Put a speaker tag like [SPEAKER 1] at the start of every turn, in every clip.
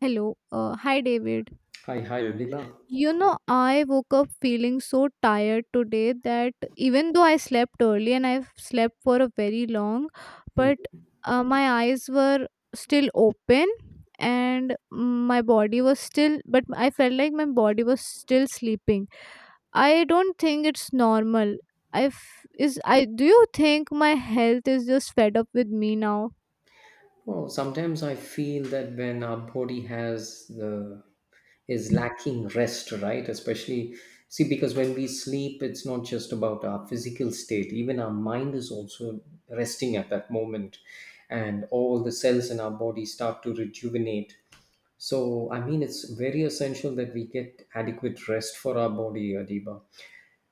[SPEAKER 1] Hello. Hi, David.
[SPEAKER 2] Hi, hi, Rebecca.
[SPEAKER 1] You know, I woke up feeling so tired today that even though I slept early and I've slept for a very long,
[SPEAKER 2] Hmm.
[SPEAKER 1] but my eyes were still open and my body was still, but I felt like my body was still sleeping. I don't think it's normal. I f- is I Do you think my health is just fed up with me now?
[SPEAKER 2] Oh, sometimes I feel that when our body has the is lacking rest, right? Especially, see, because when we sleep, it's not just about our physical state. Even our mind is also resting at that moment, and all the cells in our body start to rejuvenate. So, I mean, it's very essential that we get adequate rest for our body, Adiba.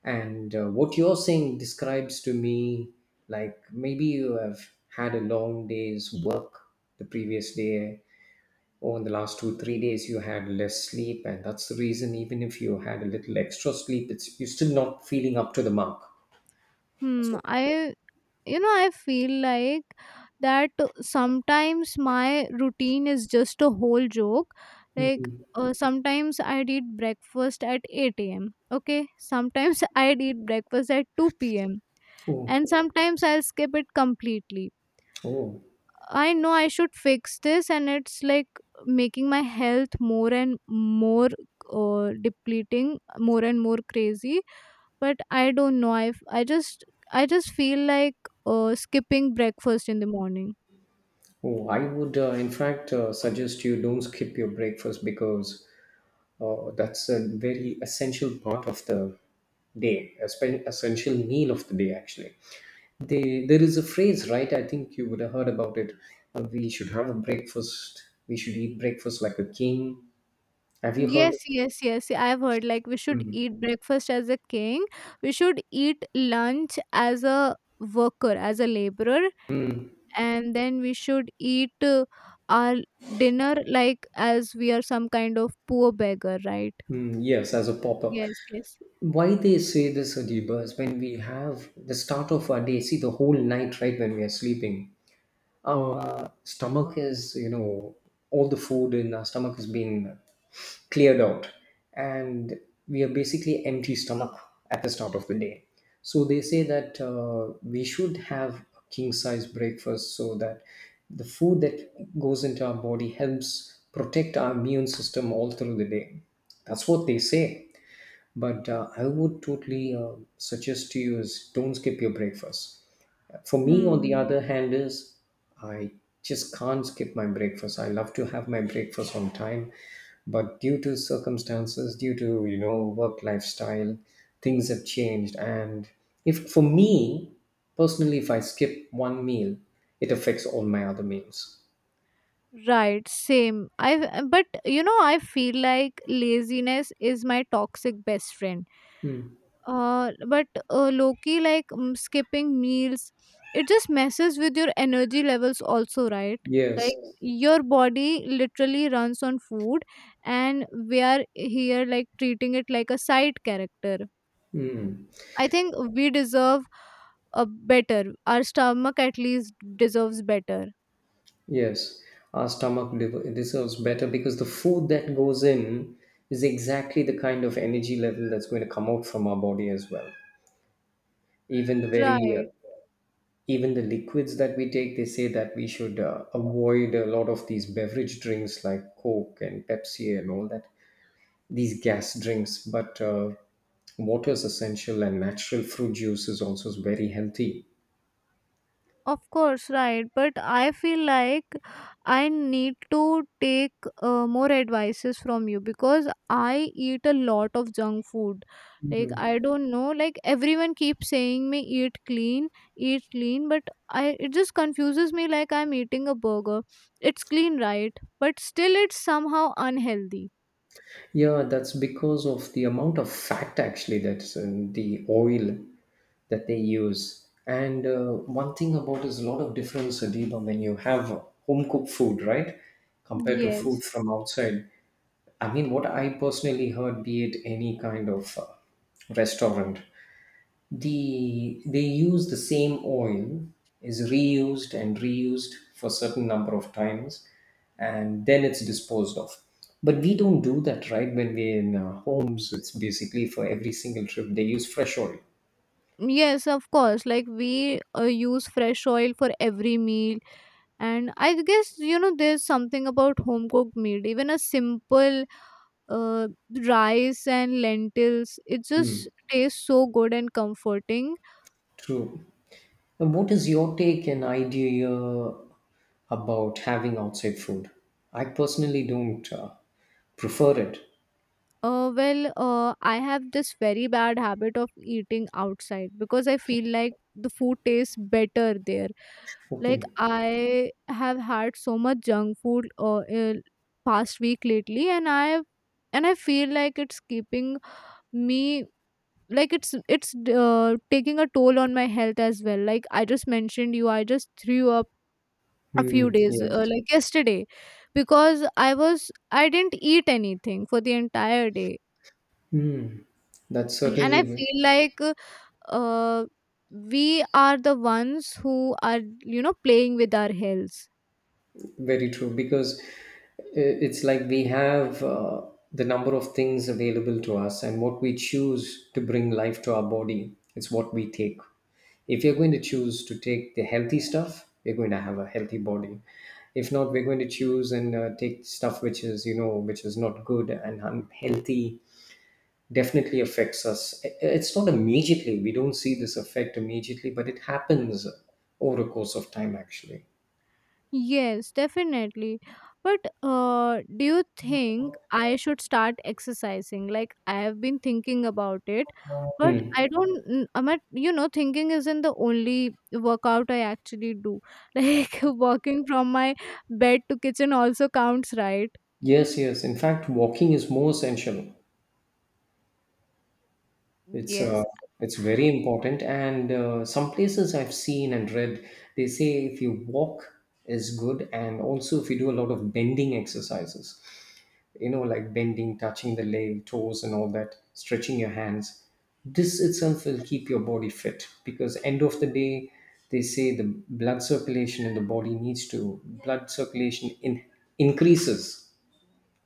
[SPEAKER 2] And what you're saying describes to me like maybe you have had a long day's work the previous day, or in the last 2 3 days you had less sleep, and that's the reason even if you had a little extra sleep it's you're still not feeling up to the mark. That's
[SPEAKER 1] Hmm.
[SPEAKER 2] what-
[SPEAKER 1] I you know I feel like that sometimes my routine is just a whole joke, like
[SPEAKER 2] Mhm.
[SPEAKER 1] sometimes I'd eat breakfast at 8 a.m., okay? Sometimes I'd eat breakfast at 2 p.m.,
[SPEAKER 2] Oh,
[SPEAKER 1] and sometimes I'll skip it completely.
[SPEAKER 2] oh,
[SPEAKER 1] I know I should fix this and it's like making my health more and more, depleting more and more crazy. But I don't know, I just, I just feel like skipping breakfast in the morning.
[SPEAKER 2] oh! I would, in fact, suggest you don't skip your breakfast because that's a very essential part of the day, a essential meal of the day, actually. They, there is a phrase, right? I think you would have heard about it. We should have a breakfast. We should eat breakfast like a king. Have you heard?
[SPEAKER 1] Yes, yes, yes, I've heard like we should eat breakfast as a king, we should eat lunch as a worker, as a laborer, and then we should eat our dinner like as we are some kind of poor beggar, right?
[SPEAKER 2] Mm, yes, as a pauper.
[SPEAKER 1] Yes, yes.
[SPEAKER 2] Why they say this, Adiba, is when we have the start of our day, see the whole night, right, when we are sleeping, our stomach is, you know, all the food in our stomach has been cleared out, and we are basically empty stomach at the start of the day. So they say that we should have a king size breakfast so that the food that goes into our body helps protect our immune system all through the day. That's what they say. But I would totally suggest to you is don't skip your breakfast. For me, on the other
[SPEAKER 1] Hmm.
[SPEAKER 2] hand, is I just can't skip my breakfast. I love to have my breakfast on time, but due to circumstances, due to you know work lifestyle, things have changed. And if for me personally, if I skip one meal, it affects all my other meals.
[SPEAKER 1] Right, same. I but you know, I feel like laziness is my toxic best friend.
[SPEAKER 2] Hmm.
[SPEAKER 1] But Loki, like, skipping meals, it just messes with your energy levels also, right? Like,
[SPEAKER 2] Yes.
[SPEAKER 1] your body literally runs on food, and we are here like treating it like a side character.
[SPEAKER 2] Mm,
[SPEAKER 1] I think we deserve a better. Our stomach at least deserves better.
[SPEAKER 2] yes, our stomach deserves better because the food that goes in is exactly the kind of energy level that's going to come out from our body as well. Even the very
[SPEAKER 1] Right.
[SPEAKER 2] even the liquids that we take, they say that we should avoid a lot of these beverage drinks like coke and pepsi and all that, these gas drinks. But water is essential, and natural fruit juice is also very healthy.
[SPEAKER 1] Of course, right. But I feel like I need to take more advices from you because I eat a lot of junk food. Like, I don't know. Like, everyone keeps saying me eat clean, but I it just confuses me like I'm eating a burger. It's clean, right? But still, it's somehow unhealthy.
[SPEAKER 2] Yeah, that's because of the amount of fat actually that's in the oil that they use. And one thing about is a lot of difference, Adiba, when you have home cooked food, right, compared to
[SPEAKER 1] Yes.
[SPEAKER 2] food from outside. I mean, what I personally heard, be it any kind of restaurant, they use the same oil, is reused and reused for certain number of times, and then it's disposed of. But we don't do that, right? When we're in our homes, it's basically for every single trip they use fresh oil.
[SPEAKER 1] Yes, of course. Like, we use fresh oil for every meal, and I guess you know there's something about home cooked meal, even a simple uh, rice and lentils, it
[SPEAKER 2] Hmm.
[SPEAKER 1] just tastes so good and comforting.
[SPEAKER 2] True. And what is your take and idea about having outside food? I personally don't prefer it.
[SPEAKER 1] Well I have this very bad habit of eating outside because I
[SPEAKER 2] Okay,
[SPEAKER 1] feel like the food tastes better there. Like,
[SPEAKER 2] okay.
[SPEAKER 1] I have had so much junk food past week lately, and I feel like it's keeping me, like, it's taking a toll on my health as well. Like, I just mentioned you, I just threw up a few
[SPEAKER 2] Hmm.
[SPEAKER 1] days,
[SPEAKER 2] Yes.
[SPEAKER 1] like yesterday, because I didn't eat anything for the entire day.
[SPEAKER 2] Hmm. That's
[SPEAKER 1] Mm. And I
[SPEAKER 2] certainly
[SPEAKER 1] feel like, uh, we are the ones who are, you know, playing with our health.
[SPEAKER 2] very true, because it's like we have the number of things available to us, and what we choose to bring life to our body is what we take. If you're going to choose to take the healthy stuff, you're going to have a healthy body. If not, we're going to choose and take stuff which is, you know, which is not good and unhealthy. Definitely affects us. It's not immediately. We don't see this effect immediately, but it happens over a course of time, actually.
[SPEAKER 1] Yes, definitely. But do you think I should start exercising? Like, I have been thinking about it, but
[SPEAKER 2] Hmm.
[SPEAKER 1] I don't. I'm at, you know, thinking isn't the only workout I actually do. Like walking from my bed to kitchen also counts, right?
[SPEAKER 2] Yes, yes. In fact, walking is more essential. It's
[SPEAKER 1] Yes.
[SPEAKER 2] uh, it's very important. And some places I've seen and read, they say if you walk is good, and also if you do a lot of bending exercises, you know, like bending, touching the leg, toes, and all that, stretching your hands. This itself will keep your body fit because end of the day, they say the blood circulation in the body needs to blood circulation in, increases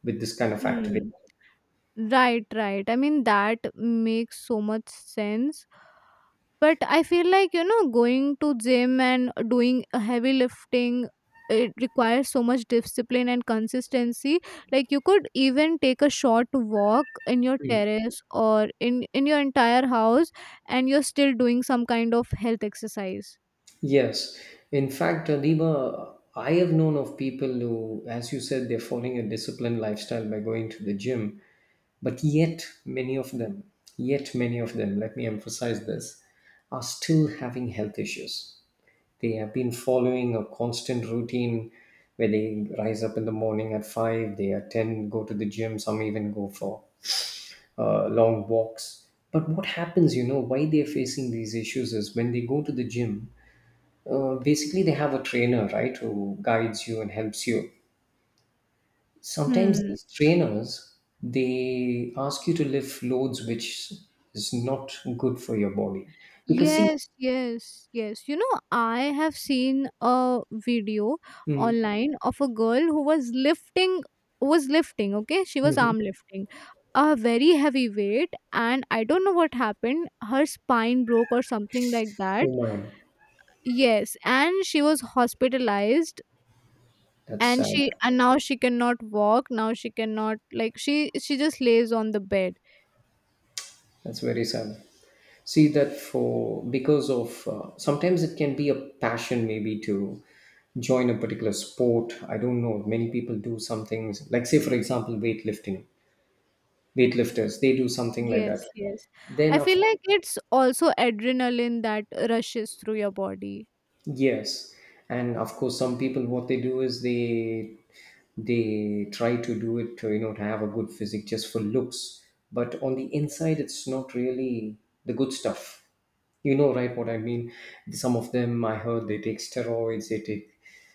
[SPEAKER 2] with this kind of activity.
[SPEAKER 1] Hmm. Right, right. I mean that makes so much sense. But I feel like, you know, going to gym and doing a heavy lifting, it requires so much discipline and consistency. Like, you could even take a short walk in your terrace or in your entire house and you're still doing some kind of health exercise.
[SPEAKER 2] Yes, in fact, Adiba, I have known of people who, as you said, they're following a disciplined lifestyle by going to the gym, but yet many of them, let me emphasize this, are still having health issues. They have been following a constant routine where they rise up in the morning at five, they attend, go to the gym, some even go for long walks. But what happens, you know, why they're facing these issues is when they go to the gym, basically they have a trainer, right, who guides you and helps you. Sometimes
[SPEAKER 1] Hmm.
[SPEAKER 2] these trainers, they ask you to lift loads which is not good for your body, because see,
[SPEAKER 1] Yes, yes, yes. You know, I have seen a video
[SPEAKER 2] mm,
[SPEAKER 1] online of a girl who was lifting, okay? She was
[SPEAKER 2] mhm.
[SPEAKER 1] arm lifting a very heavy weight, and I don't know what happened. Her spine broke or something like that.
[SPEAKER 2] Oh my,
[SPEAKER 1] Yes, and she was hospitalized,
[SPEAKER 2] that's sad.
[SPEAKER 1] and now she cannot walk, now she cannot, she just lays on the bed.
[SPEAKER 2] That's very sad. See that for because of sometimes it can be a passion maybe to join a particular sport. I don't know, many people do some things like, say for example, weightlifting. Weightlifters, they do something like
[SPEAKER 1] Yes,
[SPEAKER 2] that.
[SPEAKER 1] yes. I
[SPEAKER 2] Then
[SPEAKER 1] feel like it's also adrenaline that rushes through your body.
[SPEAKER 2] yes, and of course, some people what they do is they try to do it, to, you know, to have a good physique just for looks, but on the inside, it's not really the good stuff. You know, right? What I mean? Some of them I heard they take steroids, they take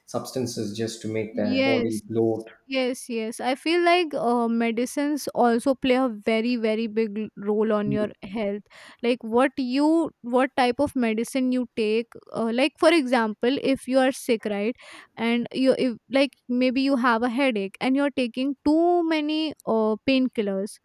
[SPEAKER 2] substances just to make their
[SPEAKER 1] Yes,
[SPEAKER 2] body bloat.
[SPEAKER 1] yes, yes. I feel like medicines also play a very, very big role on your health. Like what you, what type of medicine you take. Like for example, if you are sick, right, and you, if like maybe you have a headache and you're taking too many painkillers,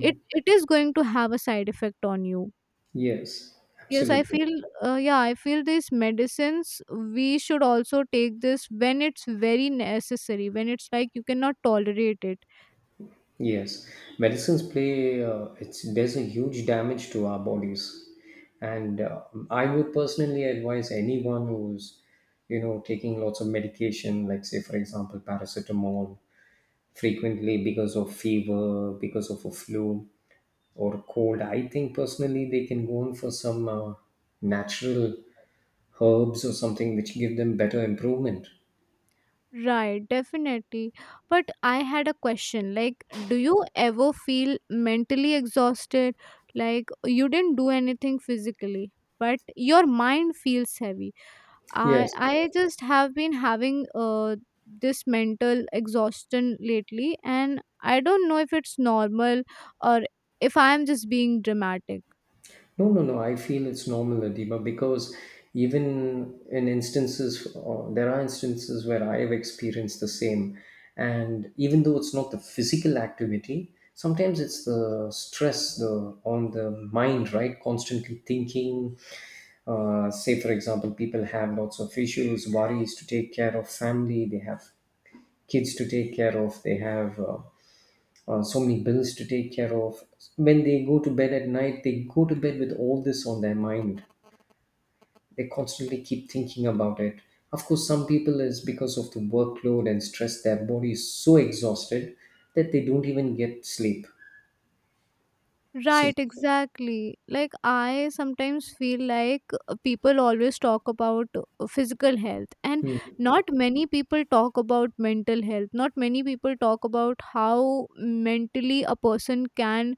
[SPEAKER 1] it is going to have a side effect on you.
[SPEAKER 2] Yes,
[SPEAKER 1] Yes, I
[SPEAKER 2] absolutely.
[SPEAKER 1] feel, yeah, I feel these medicines, we should also take this when it's very necessary, when it's like you cannot tolerate it.
[SPEAKER 2] Yes, medicines play, it's, there's a huge damage to our bodies. And I would personally advise anyone who's, you know, taking lots of medication, like, say, for example, paracetamol frequently because of fever, because of a flu or cold. I think personally they can go on for some natural herbs or something which give them better improvement.
[SPEAKER 1] Right, definitely. But I had a question like, do you ever feel mentally exhausted? Like, you didn't do anything physically, but your mind feels heavy. I
[SPEAKER 2] Yes,
[SPEAKER 1] I just have been having this mental exhaustion lately, and I don't know if it's normal or if I'm just being dramatic.
[SPEAKER 2] no, no, no. I feel it's normal, Adiba, because even in instances, there are instances where I have experienced the same. And even though it's not the physical activity, sometimes it's the stress the on the mind, right? Constantly thinking. Say, for example, people have lots of issues, worries to take care of, family, they have kids to take care of, they have. So many bills to take care of. When they go to bed at night, they go to bed with all this on their mind. They constantly keep thinking about it. Of course, some people is because of the workload and stress, their body is so exhausted that they don't even get sleep. So,
[SPEAKER 1] Right, exactly. Like, I sometimes feel like people always talk about physical health and
[SPEAKER 2] hmm,
[SPEAKER 1] not many people talk about mental health. Not many people talk about how mentally a person can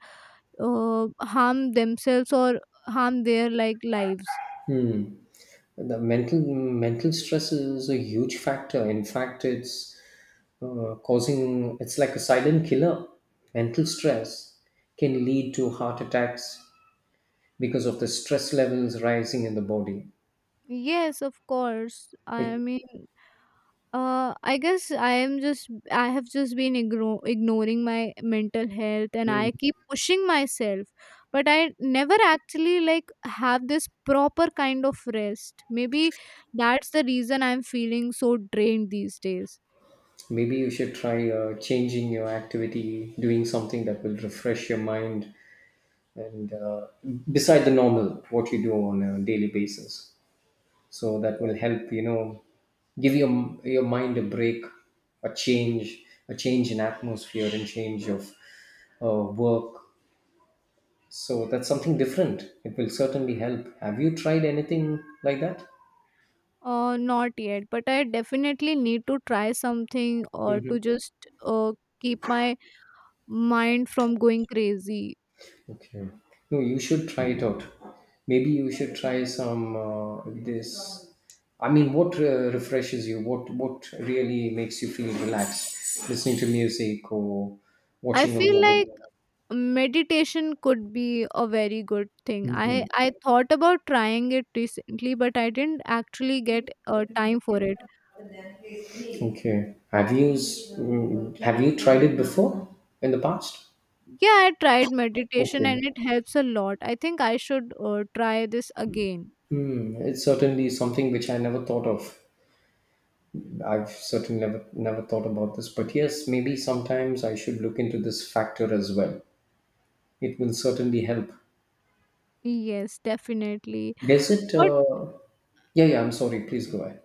[SPEAKER 1] harm themselves or harm their like lives.
[SPEAKER 2] hmm. The mental stress is a huge factor. In fact, it's causing it's like a silent killer. Mental stress can lead to heart attacks, because of the stress levels rising in the body.
[SPEAKER 1] Yes, of course. I
[SPEAKER 2] Like,
[SPEAKER 1] mean, I guess I am just, I have just been ignoring my mental health, and
[SPEAKER 2] mm,
[SPEAKER 1] I keep pushing myself, but I never actually like have this proper kind of rest. Maybe that's the reason I'm feeling so drained these days.
[SPEAKER 2] maybe you should try changing your activity, doing something that will refresh your mind and beside the normal what you do on a daily basis. So that will help, you know, give your mind a break, a change, a change in atmosphere and change of work. So that's something different. It will certainly help. Have you tried anything like that?
[SPEAKER 1] Not yet, but I definitely need to try something or to just uh keep my mind from going crazy.
[SPEAKER 2] Okay. No, you should try it out. Maybe you should try some this. I mean, what refreshes you? What really makes you feel relaxed? Listening to music or
[SPEAKER 1] I
[SPEAKER 2] watching a
[SPEAKER 1] feel
[SPEAKER 2] movie.
[SPEAKER 1] like meditation could be a very good thing. I thought about trying it recently, but I didn't actually get time for it.
[SPEAKER 2] Okay. Have you have you tried it before in the past?
[SPEAKER 1] Yeah, I tried meditation
[SPEAKER 2] Okay.
[SPEAKER 1] and it helps a lot. I think I should try this again.
[SPEAKER 2] Hmm. It's certainly something which I never thought of. I've certainly never thought about this, but yes, maybe sometimes I should look into this factor as well. It will certainly help.
[SPEAKER 1] Yes, definitely.
[SPEAKER 2] Does it?
[SPEAKER 1] What
[SPEAKER 2] Yeah, yeah. I'm sorry. Please go ahead.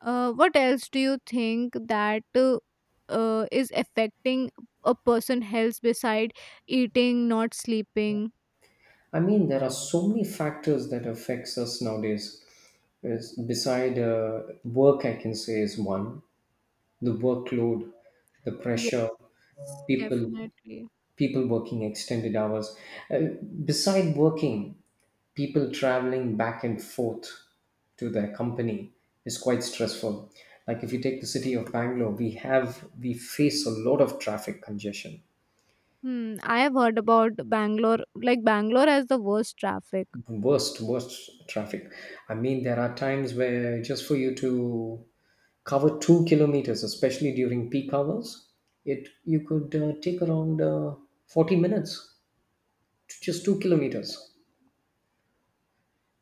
[SPEAKER 1] what else do you think that is affecting a person health beside eating, not sleeping?
[SPEAKER 2] I mean, there are so many factors that affects us nowadays. Is- Beside work, I can say is one. The workload, the
[SPEAKER 1] Yes,
[SPEAKER 2] pressure, people
[SPEAKER 1] definitely.
[SPEAKER 2] people working extended hours. Uh, Beside working, people traveling back and forth to their company is quite stressful. Like if you take the city of Bangalore, we have we face a lot of traffic congestion.
[SPEAKER 1] Hmm, I have heard about Bangalore. Like Bangalore has the worst traffic.
[SPEAKER 2] Worst traffic, I mean there are times where just for you to cover 2 kilometers especially during peak hours, it you could take around 40 minutes to just 2 kilometers.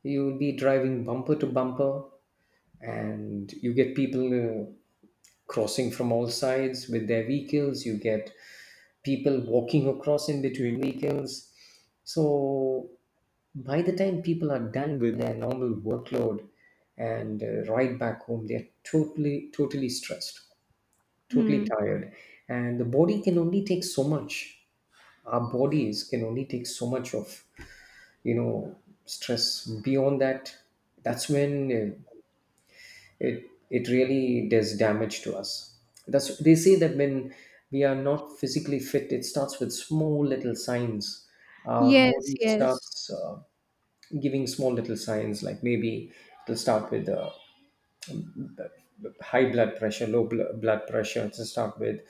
[SPEAKER 2] You will be driving bumper to bumper, and you get people uh, crossing from all sides with their vehicles. You get people walking across in between vehicles. So by the time people are done with their normal workload and ride back home, they're totally, totally stressed, totally
[SPEAKER 1] Hmm.
[SPEAKER 2] tired. And the body can only take so much. Our bodies can only take so much of, you know, stress. Beyond that, that's when it really does damage to us. That's They say that when we are not physically fit, it starts with small little signs. Our
[SPEAKER 1] Yes,
[SPEAKER 2] body
[SPEAKER 1] yes.
[SPEAKER 2] starts giving small little signs, like maybe it'll start with high blood pressure, low blood pressure. It'll start with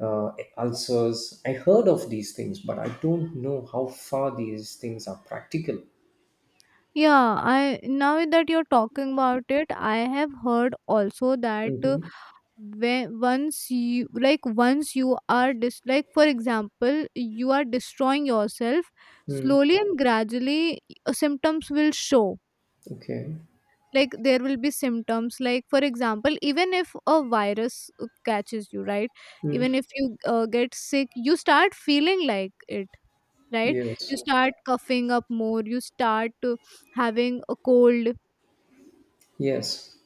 [SPEAKER 2] uh, ulcers. I heard of these things, but I don't know how far these things are practical.
[SPEAKER 1] Yeah, I now that you're talking about it, I have heard also that
[SPEAKER 2] Mm-hmm.
[SPEAKER 1] when once you like once you are dis, like for example, you are destroying yourself,
[SPEAKER 2] Mm.
[SPEAKER 1] slowly and gradually, symptoms will show.
[SPEAKER 2] Okay.
[SPEAKER 1] Like, there will be symptoms, like for example even if a virus catches you, right, even
[SPEAKER 2] Mm.
[SPEAKER 1] if you get sick you start feeling like it, right?
[SPEAKER 2] Yes.
[SPEAKER 1] You start coughing up more, you start having a cold.
[SPEAKER 2] Yes.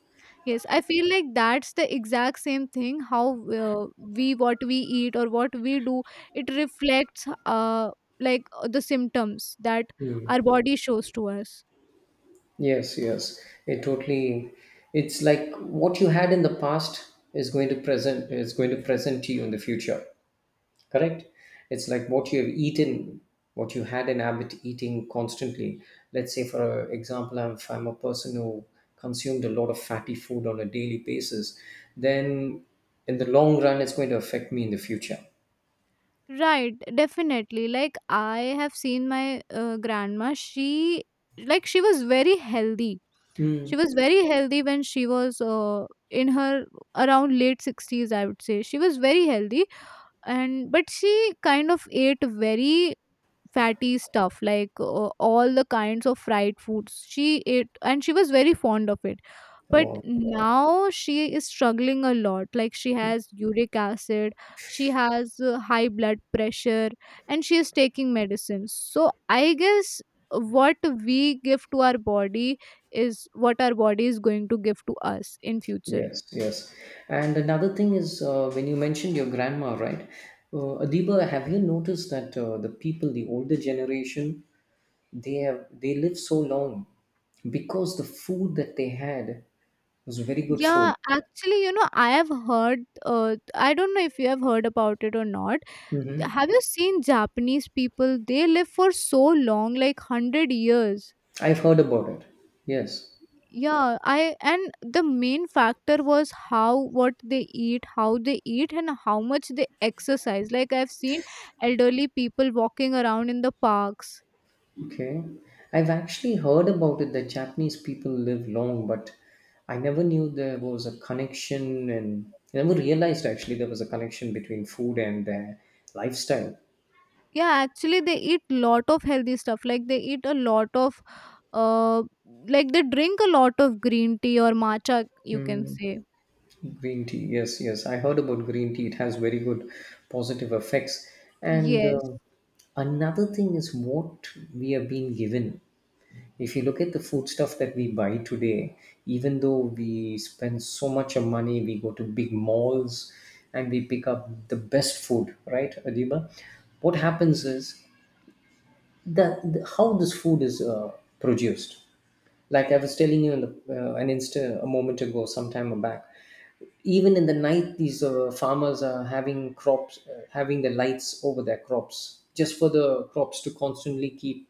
[SPEAKER 1] Yes, I feel like that's the exact same thing, how uh, we what we eat or what we do, it reflects, like the symptoms that our body shows to us.
[SPEAKER 2] Yes, yes. It totally it's like what you had in the past is going to present to you in the future. Correct? It's like what you have eaten, what you had an habit eating constantly. Let's say, for example, if I'm a person who consumed a lot of fatty food on a daily basis, then in the long run it's going to affect me in the future.
[SPEAKER 1] Right, definitely. Like I have seen my grandma. She, like she was very healthy. She
[SPEAKER 2] Mm.
[SPEAKER 1] was very healthy when she was in her around late 60s I would say. She was very healthy, and but she kind of ate very fatty stuff, like all the kinds of fried foods she ate and she was very fond of it. But
[SPEAKER 2] Wow.
[SPEAKER 1] now she is struggling a lot, like she has uric acid, she has high blood pressure and she is taking medicines. So, I guess what we give to our body is what our body is going to give to us in future.
[SPEAKER 2] Yes, yes. And another thing is, when you mentioned your grandma, right? Adiba, have you noticed that the people, the older generation, they live so long because the food that they had was very good food.
[SPEAKER 1] Yeah, actually, you know, I have heard, I don't know if you have heard about it or not,
[SPEAKER 2] Mm-hmm.
[SPEAKER 1] have you seen japanese people, they live for so long, like 100 years?
[SPEAKER 2] I've heard about it. Yes.
[SPEAKER 1] Yeah, I and the main factor was how, what they eat, how they eat, and how much they exercise. Like, I've seen elderly people walking around in the parks.
[SPEAKER 2] Okay. I've actually heard about it that Japanese people live long, but I never knew there was a connection, and I never realized actually there was a connection between food and their lifestyle.
[SPEAKER 1] Yeah, actually they eat lot of healthy stuff, like they eat a lot of uh like they drink a lot of green tea or matcha, you can say.
[SPEAKER 2] Green tea, yes, yes. I heard about green tea. It has very good positive effects. And
[SPEAKER 1] Yes.
[SPEAKER 2] another thing is what we are being given. If you look at the food stuff that we buy today, even though we spend so much of money, we go to big malls and we pick up the best food, right, Adiba? What happens is that how this food is produced. Like I was telling you in the, an instant, a moment ago, some time back, even in the night these farmers are having crops, having the lights over their crops just for the crops to constantly keep,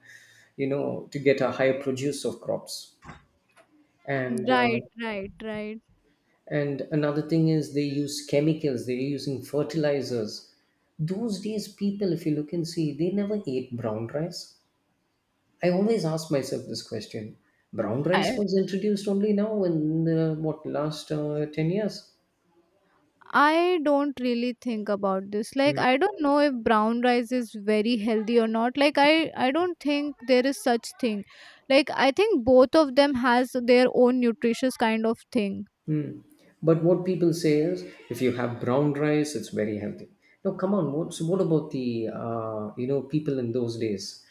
[SPEAKER 2] to get a higher produce of crops, and uh,
[SPEAKER 1] Right, right, right.
[SPEAKER 2] and another thing is they use chemicals, they're using fertilizers. Those days, people, if you look and see, they never ate brown rice. I always ask myself this question: brown rice was introduced only now in the what last 10 years.
[SPEAKER 1] I don't really think about this. Like,
[SPEAKER 2] Hmm.
[SPEAKER 1] I don't know if brown rice is very healthy or not. Like, I don't think there is such thing. Like, I think both of them has their own nutritious kind of thing.
[SPEAKER 2] But what people say is, if you have brown rice, it's very healthy. Now, come on. So what about the people in those days?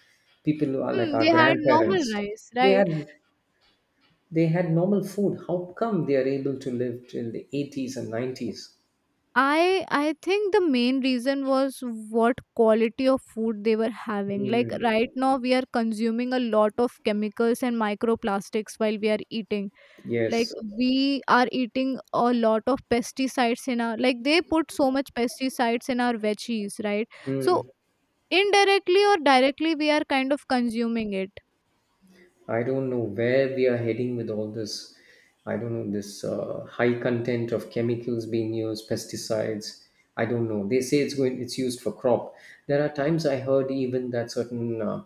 [SPEAKER 2] People who are like
[SPEAKER 1] Hmm, they
[SPEAKER 2] our
[SPEAKER 1] had normal
[SPEAKER 2] grandparents.
[SPEAKER 1] rice,
[SPEAKER 2] They
[SPEAKER 1] right?
[SPEAKER 2] had they had normal food. How come they are able to live till the 80s and 90s?
[SPEAKER 1] I think the main reason was what quality of food they were having. Like
[SPEAKER 2] Mm,
[SPEAKER 1] right now we are consuming a lot of chemicals and microplastics while we are eating, like
[SPEAKER 2] yes.
[SPEAKER 1] we are eating a lot of pesticides in our, like they put so much pesticides in our veggies, right? So
[SPEAKER 2] Mm.
[SPEAKER 1] indirectly or directly we are kind of consuming it.
[SPEAKER 2] I don't know where we are heading with all this. I don't know, this high content of chemicals being used, pesticides. I don't know. They say it's going. It's used for crop. There are times I heard even that certain uh,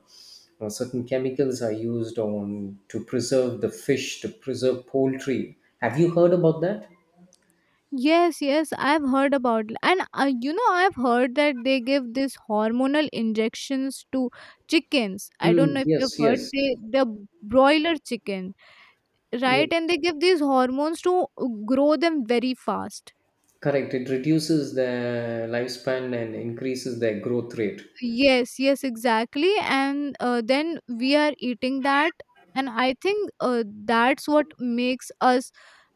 [SPEAKER 2] uh, certain chemicals are used on to preserve the fish, to preserve poultry. Have you heard about that?
[SPEAKER 1] Yes, yes, I've heard about, and you know, I've heard that they give these hormonal injections to chickens. I
[SPEAKER 2] Hmm.
[SPEAKER 1] don't know if you've
[SPEAKER 2] Yes,
[SPEAKER 1] heard,
[SPEAKER 2] yes,
[SPEAKER 1] the broiler chicken, right? And
[SPEAKER 2] yes.
[SPEAKER 1] they give these hormones to grow them very fast.
[SPEAKER 2] Correct. It reduces their lifespan and increases their growth rate.
[SPEAKER 1] Yes, yes, exactly. And then we are eating that. And I think that's what makes us,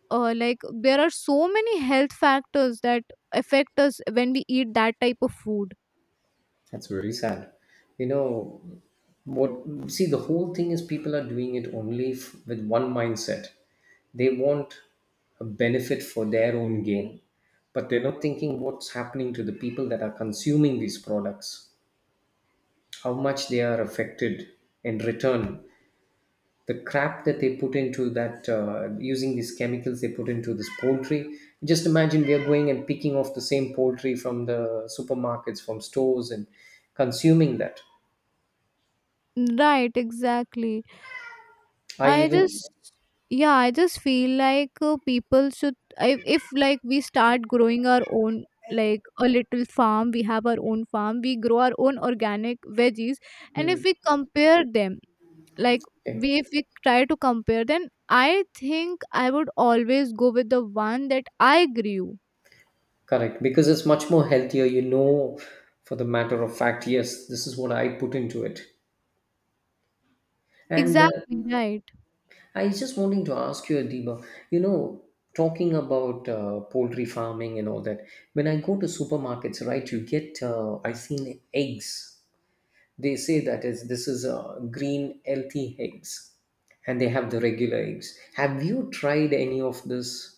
[SPEAKER 1] like there are so many health factors that affect us when we eat that type of food.
[SPEAKER 2] That's very sad. You know, what, see, the whole thing is people are doing it only with one mindset. They want a benefit for their own gain, but they're not thinking what's happening to the people that are consuming these products, how much they are affected in return. The crap that they put into that, using these chemicals they put into this poultry. Just imagine, we are going and picking off the same poultry from the supermarkets, from stores, and consuming that.
[SPEAKER 1] Right, exactly.
[SPEAKER 2] I
[SPEAKER 1] I
[SPEAKER 2] even
[SPEAKER 1] just, yeah, I just feel like people should, if like we start growing our own, like a little farm, we have our own farm, we grow our own organic veggies. And if
[SPEAKER 2] Hmm.
[SPEAKER 1] we compare them, like
[SPEAKER 2] Okay.
[SPEAKER 1] we if we try to compare, then I think I would always go with the one that I grew.
[SPEAKER 2] Correct, because it's much more healthier. You know, for the matter of fact, yes, this is what I put into it. And
[SPEAKER 1] Exactly, right.
[SPEAKER 2] I just wanting to ask you, Adiba, you know, talking about poultry farming and all that. When I go to supermarkets, right, you get I've seen eggs. They say that is this is green healthy eggs, and they have the regular eggs. Have you tried any of this?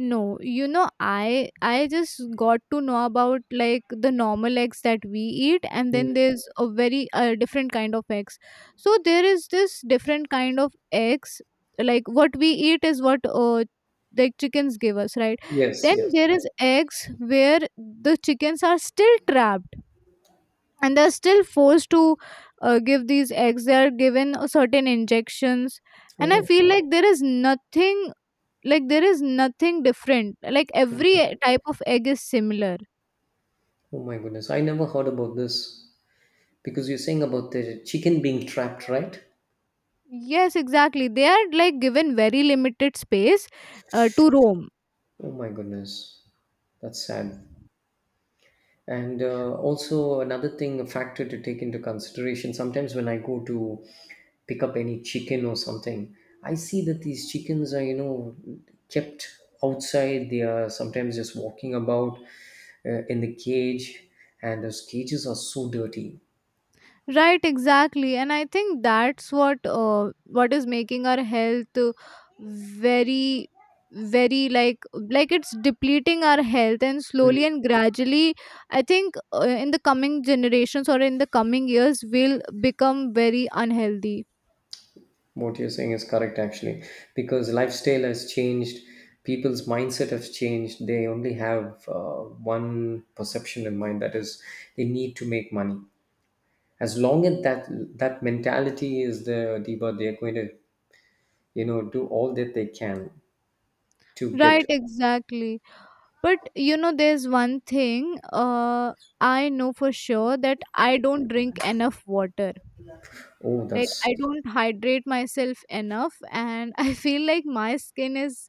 [SPEAKER 1] No, you know, I just got to know about like the normal eggs that we eat, and
[SPEAKER 2] Hmm.
[SPEAKER 1] then there's a very different kind of eggs. So there is this different kind of eggs, like what we eat is what like chickens give us, right?
[SPEAKER 2] Yes,
[SPEAKER 1] Then
[SPEAKER 2] yes.
[SPEAKER 1] there is eggs where the chickens are still trapped and they're still forced to give these eggs. They're given a certain injections, and I
[SPEAKER 2] Oh,
[SPEAKER 1] feel like there is nothing, like there is nothing different, like every
[SPEAKER 2] okay.
[SPEAKER 1] type of egg is similar.
[SPEAKER 2] Oh my goodness, I never heard about this because you're saying about the chicken being trapped, right?
[SPEAKER 1] Yes, exactly. They are like given very limited space to roam.
[SPEAKER 2] Oh my goodness, that's sad. And also, another thing, a factor to take into consideration, sometimes when I go to pick up any chicken or something, I see that these chickens are, kept outside. They are sometimes just walking about in the cage, and those cages are so dirty.
[SPEAKER 1] Right, exactly. And I think that's what is making our health very very like it's depleting our health, and slowly and gradually I think in the coming generations or in the coming years will become very unhealthy.
[SPEAKER 2] What you're saying is correct actually, because lifestyle has changed, people's mindset has changed. They only have one perception in mind, that is, they need to make money. As long as that mentality is there, Deba, they're going to, do all that they can to get.
[SPEAKER 1] Right, exactly. But you know, there's one thing, I know for sure that I don't drink enough water.
[SPEAKER 2] Oh
[SPEAKER 1] Like
[SPEAKER 2] that's
[SPEAKER 1] I don't hydrate myself enough, and I feel like my skin is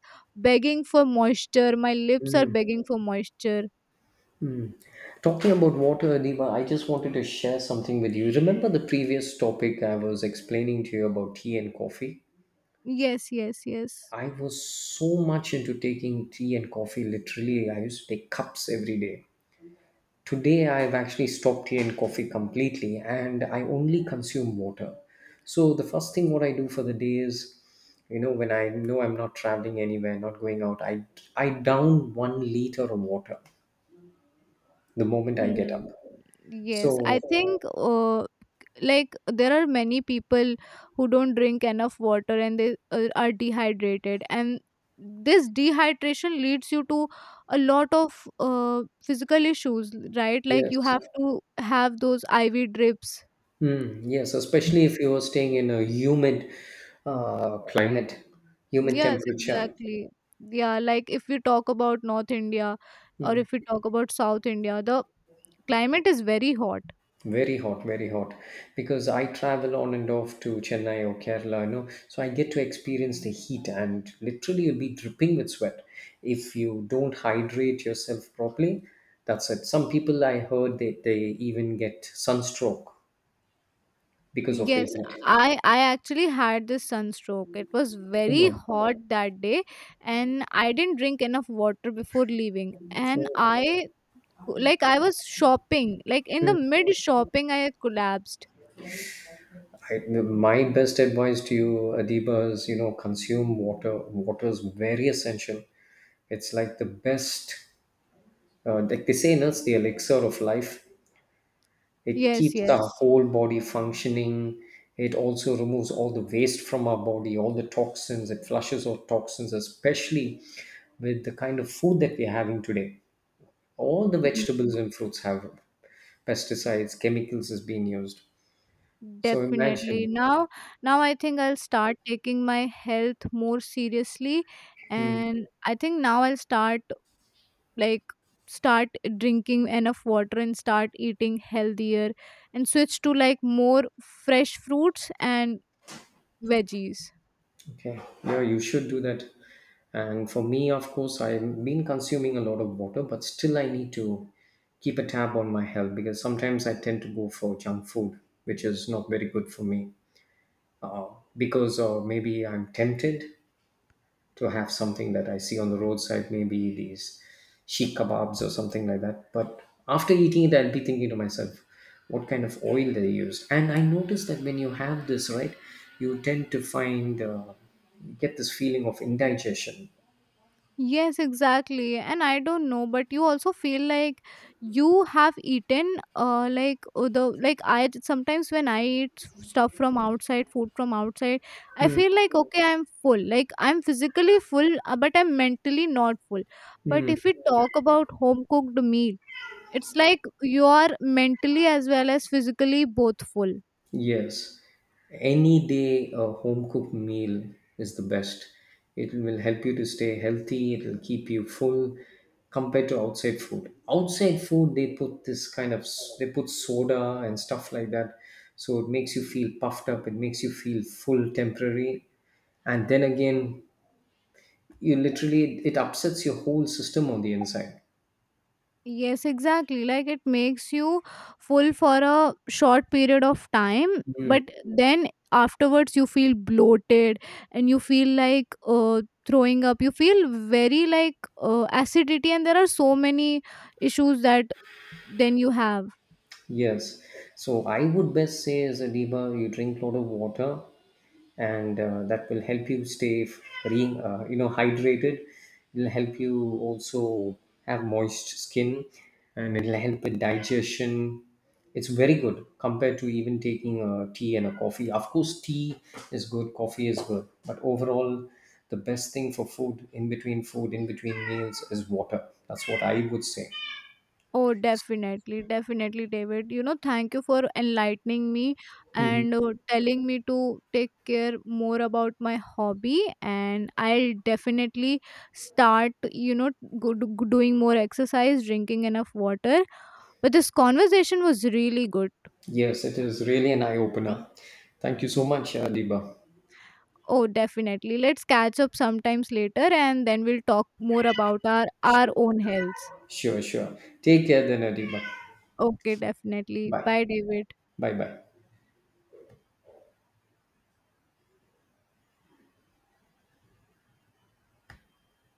[SPEAKER 1] begging for moisture, my lips are begging for moisture.
[SPEAKER 2] Talking about water, Deba, I just wanted to share something with you. Remember the previous topic I was explaining to you about tea and coffee?
[SPEAKER 1] Yes, yes, yes.
[SPEAKER 2] I was so much into taking tea and coffee literally. I used to take cups every day. Today, I've actually stopped tea and coffee completely and I only consume water. So, the first thing what I do for the day is, when I know I'm not traveling anywhere, not going out, I down 1 liter of water the moment I get
[SPEAKER 1] Hmm.
[SPEAKER 2] up.
[SPEAKER 1] Yes, I
[SPEAKER 2] So,
[SPEAKER 1] think like there are many people who don't drink enough water, and they are dehydrated, and this dehydration leads you to a lot of physical issues, right? Like you
[SPEAKER 2] yes.
[SPEAKER 1] have to have those IV drips.
[SPEAKER 2] Mm, yes, especially if you are staying in a humid climate, humid
[SPEAKER 1] Yes,
[SPEAKER 2] temperature.
[SPEAKER 1] exactly. Yeah, like if we talk about North India or
[SPEAKER 2] Mm.
[SPEAKER 1] if we talk about South India, the climate is very hot.
[SPEAKER 2] Very hot, very hot. Because I travel on and off to Chennai or Kerala, so I get to experience the heat, and literally you'll be dripping with sweat. If you don't hydrate yourself properly, that's it. Some people, I heard, they even get sunstroke because of the
[SPEAKER 1] Yes,
[SPEAKER 2] heat.
[SPEAKER 1] I actually had this sunstroke. It was
[SPEAKER 2] Oh
[SPEAKER 1] very
[SPEAKER 2] my.
[SPEAKER 1] hot that day, and I didn't drink enough water before leaving, and
[SPEAKER 2] Oh.
[SPEAKER 1] I, like I was shopping, like in the
[SPEAKER 2] Mm.
[SPEAKER 1] mid shopping I had collapsed.
[SPEAKER 2] My best advice to you, Adiba, is, consume water. Water is very essential. It's like the best. Like they say, no, it's the elixir of life. It
[SPEAKER 1] Yes,
[SPEAKER 2] keeps the
[SPEAKER 1] yes.
[SPEAKER 2] whole body functioning. It also removes all the waste from our body, all the toxins. It flushes out toxins, especially with the kind of food that we're having today. All the vegetables and fruits have pesticides, chemicals is being used. So
[SPEAKER 1] Definitely.
[SPEAKER 2] imagine.
[SPEAKER 1] Now, now I think I'll start taking my health more seriously, and I think now I'll start, like start drinking enough water and start eating healthier, and switch to like more fresh fruits and veggies.
[SPEAKER 2] Okay, yeah, you should do that. And for me, of course, I've been consuming a lot of water, but still I need to keep a tab on my health because sometimes I tend to go for junk food, which is not very good for me. Uh, because or maybe I'm tempted to have something that I see on the roadside, maybe these sheikh kebabs or something like that. But after eating it, I'll be thinking to myself, what kind of oil they use. And I noticed that when you have this, right, you tend to find get this feeling of indigestion.
[SPEAKER 1] Yes, exactly. And I don't know, but you also feel like you have eaten like, I sometimes when I eat stuff from outside, food from outside, I
[SPEAKER 2] Hmm.
[SPEAKER 1] feel like, okay, I'm full. Like I'm physically full, but I'm mentally not full. But
[SPEAKER 2] Hmm.
[SPEAKER 1] if we talk about home cooked meal, it's like you are mentally as well as physically both full.
[SPEAKER 2] Yes, any day a home cooked meal is the best. It will help you to stay healthy, it will keep you full compared to outside food. Outside food, they put this kind of they put soda and stuff like that. So it makes you feel puffed up, it makes you feel full temporary. And then again, you literally it upsets your whole system on the inside.
[SPEAKER 1] Yes, exactly. Like it makes you full for a short period of time, but then afterwards you feel bloated and you feel like throwing up. You feel very like acidity, and there are so many issues that then you have.
[SPEAKER 2] Yes. So I would best say, as a diva, you drink a lot of water, and that will help you stay hydrated. It'll help you also have moist skin, and it'll help with digestion. It's very good compared to even taking a tea and a coffee. Of course, tea is good, coffee is good, but overall, the best thing for food in between meals is water. That's what I would say.
[SPEAKER 1] Oh, definitely, definitely, David. You know, thank you for enlightening me and telling me to take care more about my hobby. And I'll definitely start, you know, good, doing more exercise, drinking enough water. But this conversation was really good.
[SPEAKER 2] Yes, it is really an eye opener. Thank you so much, Adiba.
[SPEAKER 1] Oh, definitely. Let's catch up sometimes later and then we'll talk more about our own health.
[SPEAKER 2] Sure, sure. Take care then, Adiba.
[SPEAKER 1] Okay, definitely.
[SPEAKER 2] Bye.
[SPEAKER 1] Bye, David.
[SPEAKER 2] Bye bye.